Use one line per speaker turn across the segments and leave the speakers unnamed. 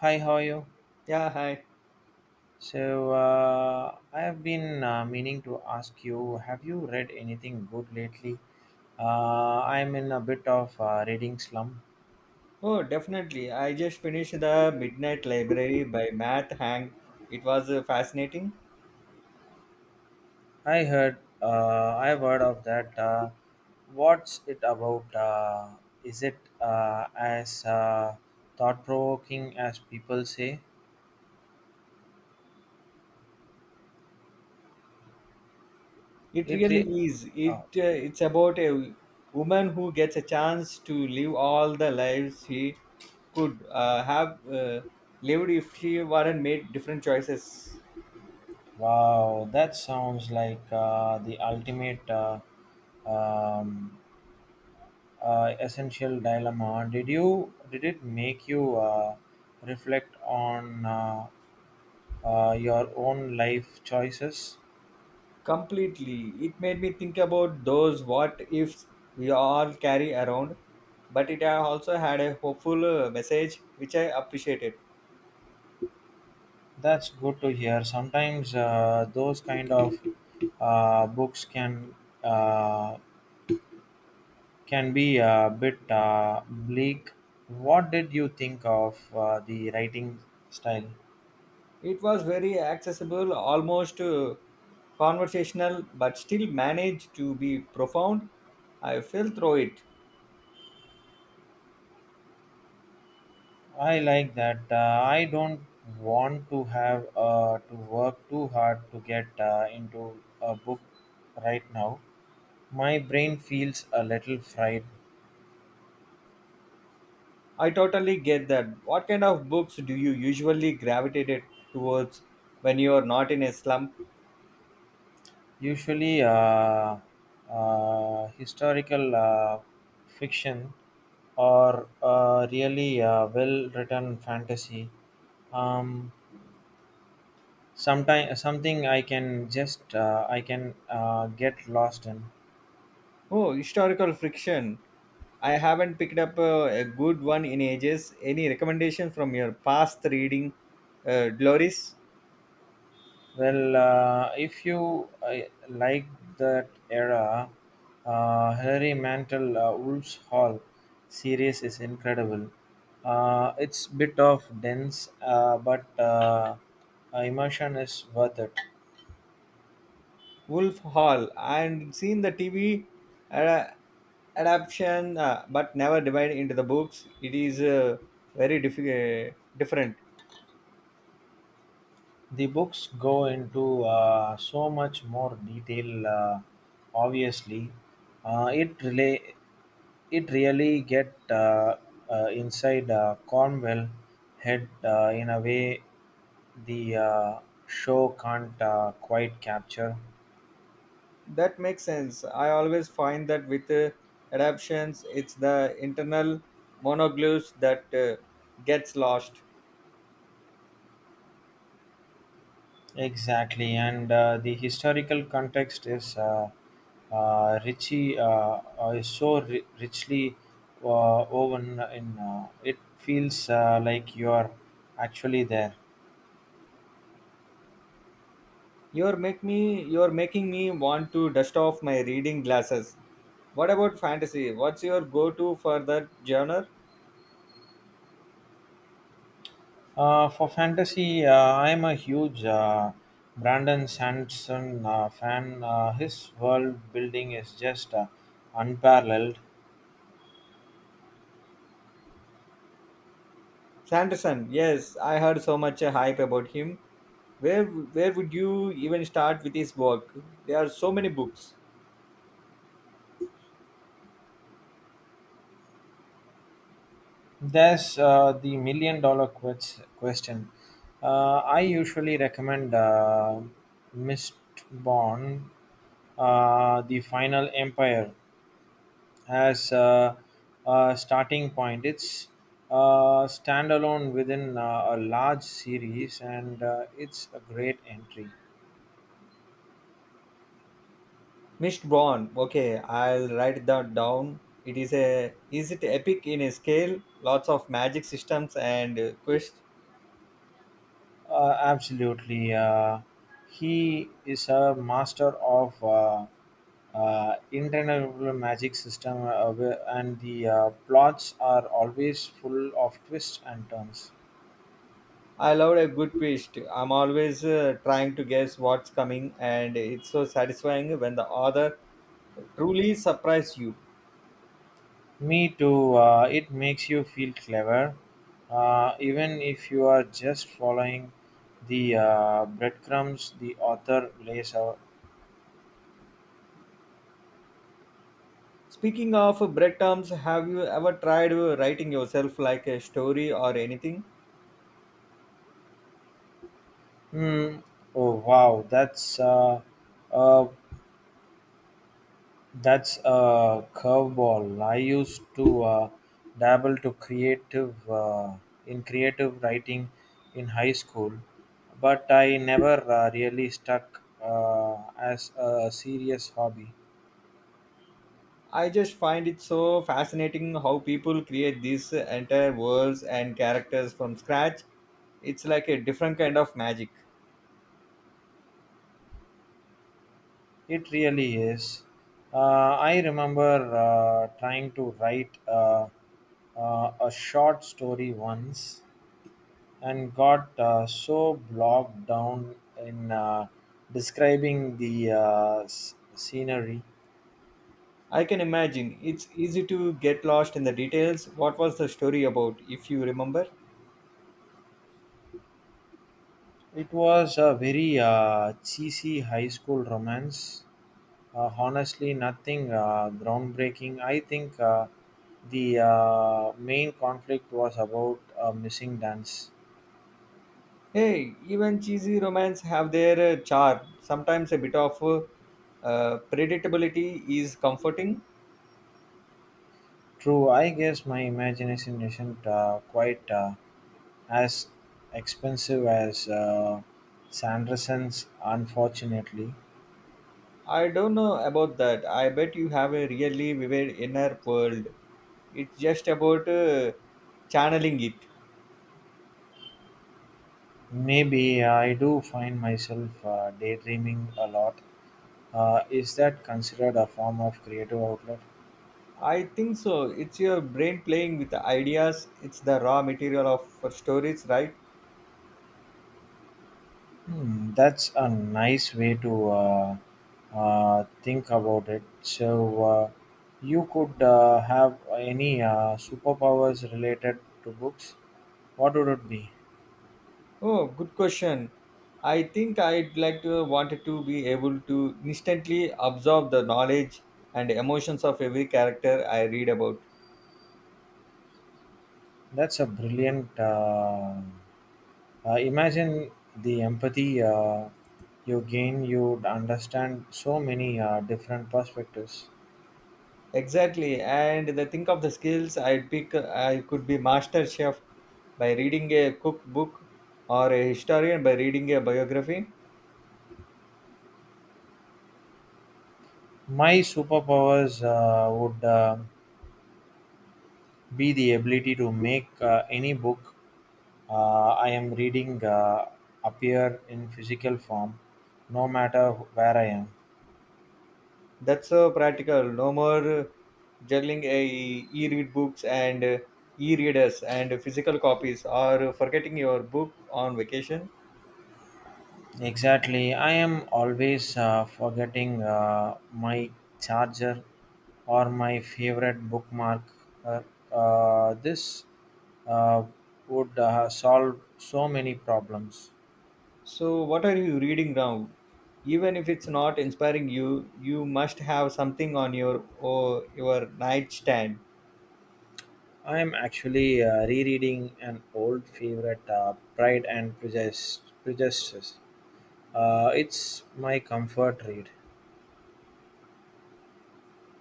Hi, how are you?
Yeah, hi.
So I have been meaning to ask you, have you read anything good lately? I'm in a bit of reading slump.
Oh, definitely. I just finished The Midnight Library by Matt Hang. It was fascinating.
I've heard of that. What's it about? Is it as thought-provoking as people say?
It
It
really
re-
is. It
oh,
uh, it's about a woman who gets a chance to live all the lives she could have lived if she weren't made different choices.
wow, that sounds like the ultimate um, essential dilemma. Did you did it make you reflect on your own life choices?
Completely. It made me think about those what ifs we all carry around, but it also had a hopeful message which I appreciated.
That's good to hear. Sometimes those kind of books uh, can be a bit bleak. What did you think of the writing style?
It was very accessible, almost conversational, but still managed to be profound. I fell through it.
I like that. I don't want to have to work too hard to get into a book right now. My brain feels a little fried.
I totally get that. What kind of books do you usually gravitate towards when you are not in a slump?
Usually, historical fiction or really well written fantasy. Um, sometime something I can just I can get lost in.
Oh, historical friction. I haven't picked up a good one in ages. Any recommendation from your past reading, Gloris?
Well, if you like that era, Hilary Mantel Wolf's Hall series is incredible. It's bit of dense, but immersion is worth it.
Wolf Hall and seen the TV ada- adaptation, but never divided into the books. It is very different.
The books go into so much more detail obviously. uh, it relay it really get inside cornwell head in a way the show can't quite capture.
That makes sense. I always find that with adaptations, it's the internal monoglyphs that gets lost.
Exactly, and the historical context is richy, is so ri- richly woven in. It feels like you are actually there.
You're making me want to dust off my reading glasses. What about fantasy? What's your go-to for that genre?
For fantasy, I am a huge Brandon Sanderson fan. His world building is just unparalleled.
Sanderson, yes, I heard so much hype about him. Where where would you even start with his work? There are so many books.
There's the million dollar question. I usually recommend Mistborn, The Final Empire, as a starting point. It's standalone within a large series, and it's a great entry.
Mist Born. Okay, I'll write that down. It is a is it epic in a scale? Lots of magic systems and quest.
Absolutely. He is a master of internal magic system, and the plots are always full of twists and turns.
I love a good twist. I'm always trying to guess what's coming, and it's so satisfying when the author truly surprises you.
Me too. It makes you feel clever, even if you are just following the breadcrumbs the author lays out.
Speaking of breadcrumbs, have you ever tried writing yourself like a story or anything?
Hmm. Oh wow, a That's a curveball. I used to dabble to creative in creative writing in high school, but I never really stuck as a serious hobby.
I just find it so fascinating how people create these entire worlds and characters from scratch. It's like a different kind of magic.
It really is. Uh, I remember trying to write a short story once, and got so bogged down in describing the scenery.
I can imagine. It's easy to get lost in the details. What was the story about, if you remember?
It was a very cheesy high school romance. Honestly, nothing groundbreaking. I think the main conflict was about a missing dance.
Hey, even cheesy romance have their charm. Sometimes a bit of predictability is comforting.
True, I guess my imagination isn't quite as expensive as Sanderson's, unfortunately.
I don't know about that. I bet you have a really vivid inner world. It's just about channeling it.
Maybe I do find myself daydreaming a lot. Is that considered a form of creative outlet?
I think so. It's your brain playing with the ideas. It's the raw material of for stories, right?
Hmm, that's a nice way to think about it. So, you could have any superpowers related to books. What would it be?
Oh, good question. I think I'd like to wanted to be able to instantly absorb the knowledge and emotions of every character I read about.
That's a brilliant. Imagine the empathy you gain. You'd understand so many different perspectives.
Exactly, and the think of the skills I'd pick. I could be master chef by reading a cookbook or a historian by reading a biography.
My superpowers would be the ability to make any book I am reading appear in physical form, no matter where I am.
That's so practical. No more juggling a e-read books and e-readers and physical copies or forgetting your book on vacation.
Exactly. I am always forgetting my charger or my favorite bookmark. Uh, this uh, would solve so many problems.
So what are you reading now? Even if it's not inspiring you, you must have something on your or your nightstand.
I'm actually rereading an old favorite, Pride and Prejudice. Prejudice. It's my comfort read.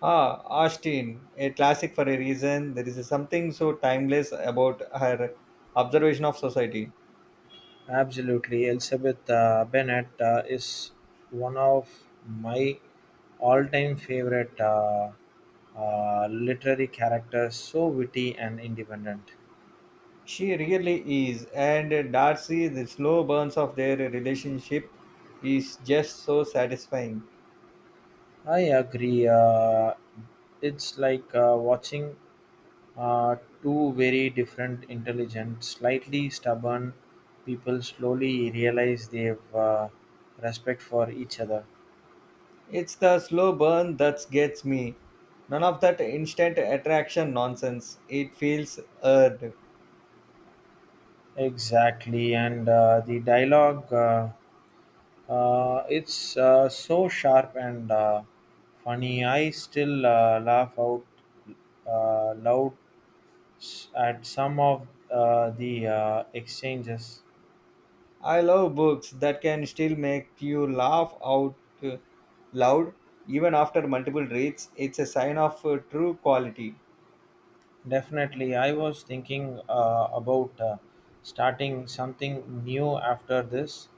Ah, Austin, a classic for a reason. There is something so timeless about her observation of society.
Absolutely. Elizabeth Bennet is one of my all time favorite literary characters, so witty and independent.
She really is, and Darcy, the slow burns of their relationship is just so satisfying.
I agree. It's like watching uh, two very different, intelligent, slightly stubborn people slowly realize they've respect for each other.
It's the slow burn that gets me. None of that instant attraction nonsense. It feels earned.
Exactly, and the dialogue. It's so sharp and funny. I still laugh out loud at some of the exchanges.
I love books that can still make you laugh out uh, loud even after multiple reads. It's a sign of true quality.
Definitely, I was thinking about starting something new after this,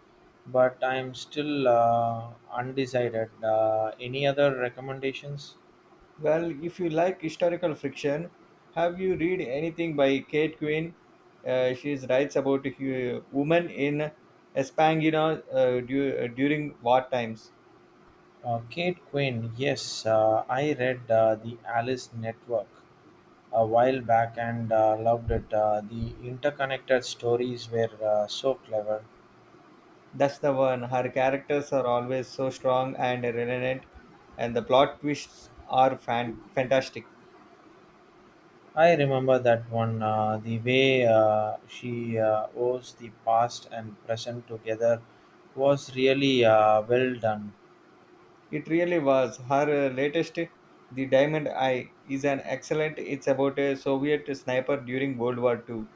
but I'm still undecided. Any other recommendations?
Well, if you like historical fiction, have you read anything by Kate Quinn? She writes about women in Espangina during war times.
Kate Quinn, yes, I read The Alice Network a while back and loved it. The interconnected stories were so clever.
That's the one. Her characters are always so strong and relevant, and the plot twists are fantastic.
I remember that one. The way she owes the past and present together was really well done.
It really was. Her latest, The Diamond Eye, is an excellent. It's about a Soviet sniper during World War Two.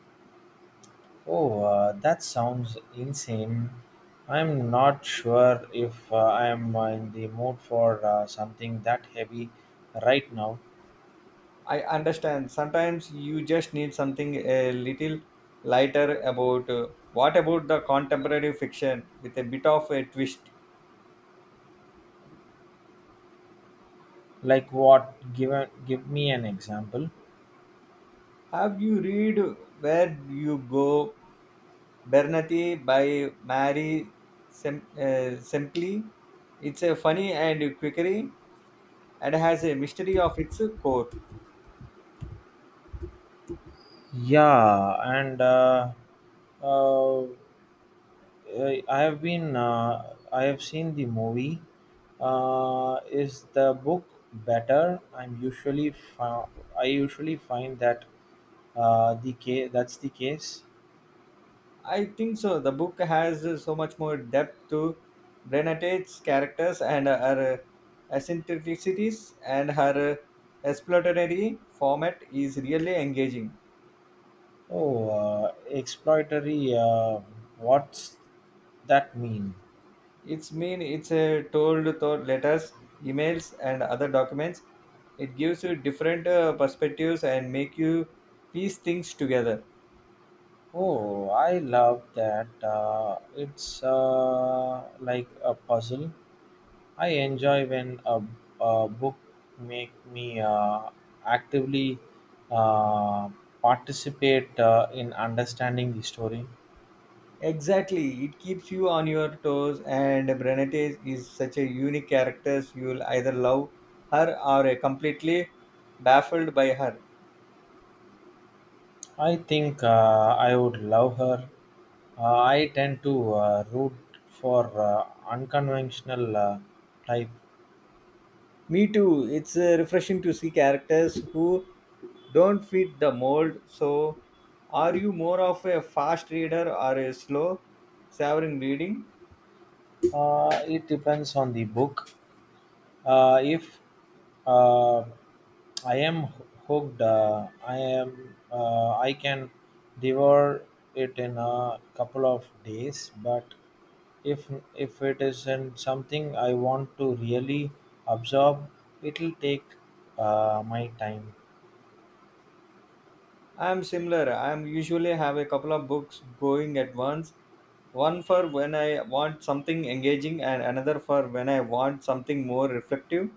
Oh, that sounds insane. I'm not sure if I am in the mood for something that heavy right now.
I understand. Sometimes you just need something a little lighter about. What about the contemporary fiction with a bit of a twist?
Like what? Give me an example.
Have you read Where You Go, Bernati by Mary Sempley? It's a funny and quickery and has a mystery of its core.
Yeah, and uh, I have seen the movie. Is the book better? I usually find that that's the case.
I think so. The book has so much more depth to Brennett's characters and her eccentricities, and her exploratory format is really engaging.
Oh, exploitatory. What's that mean?
It's mean it's told through letters, emails, and other documents. It gives you different perspectives and make you piece things together.
Oh, I love that. It's like a puzzle. I enjoy when a book make me actively uh, participate in understanding the story.
Exactly, it keeps you on your toes, and Brenetes is such a unique character. You'll either love her or are completely baffled by her.
I think I would love her. I tend to root for unconventional type.
Me too. It's refreshing to see characters who don't fit the mold. So, are you more of a fast reader or a slow, savoring reading?
It depends on the book. If uh, I am hooked, I can devour it in a couple of days. But if it isn't something I want to really absorb, it'll take my time.
I'm similar. I'm usually have a couple of books going at once. One for when I want something engaging and another for when I want something more reflective.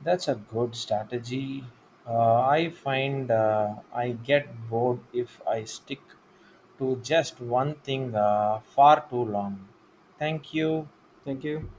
That's a good strategy. I find I get bored if I stick to just one thing far too long. Thank you.
Thank you.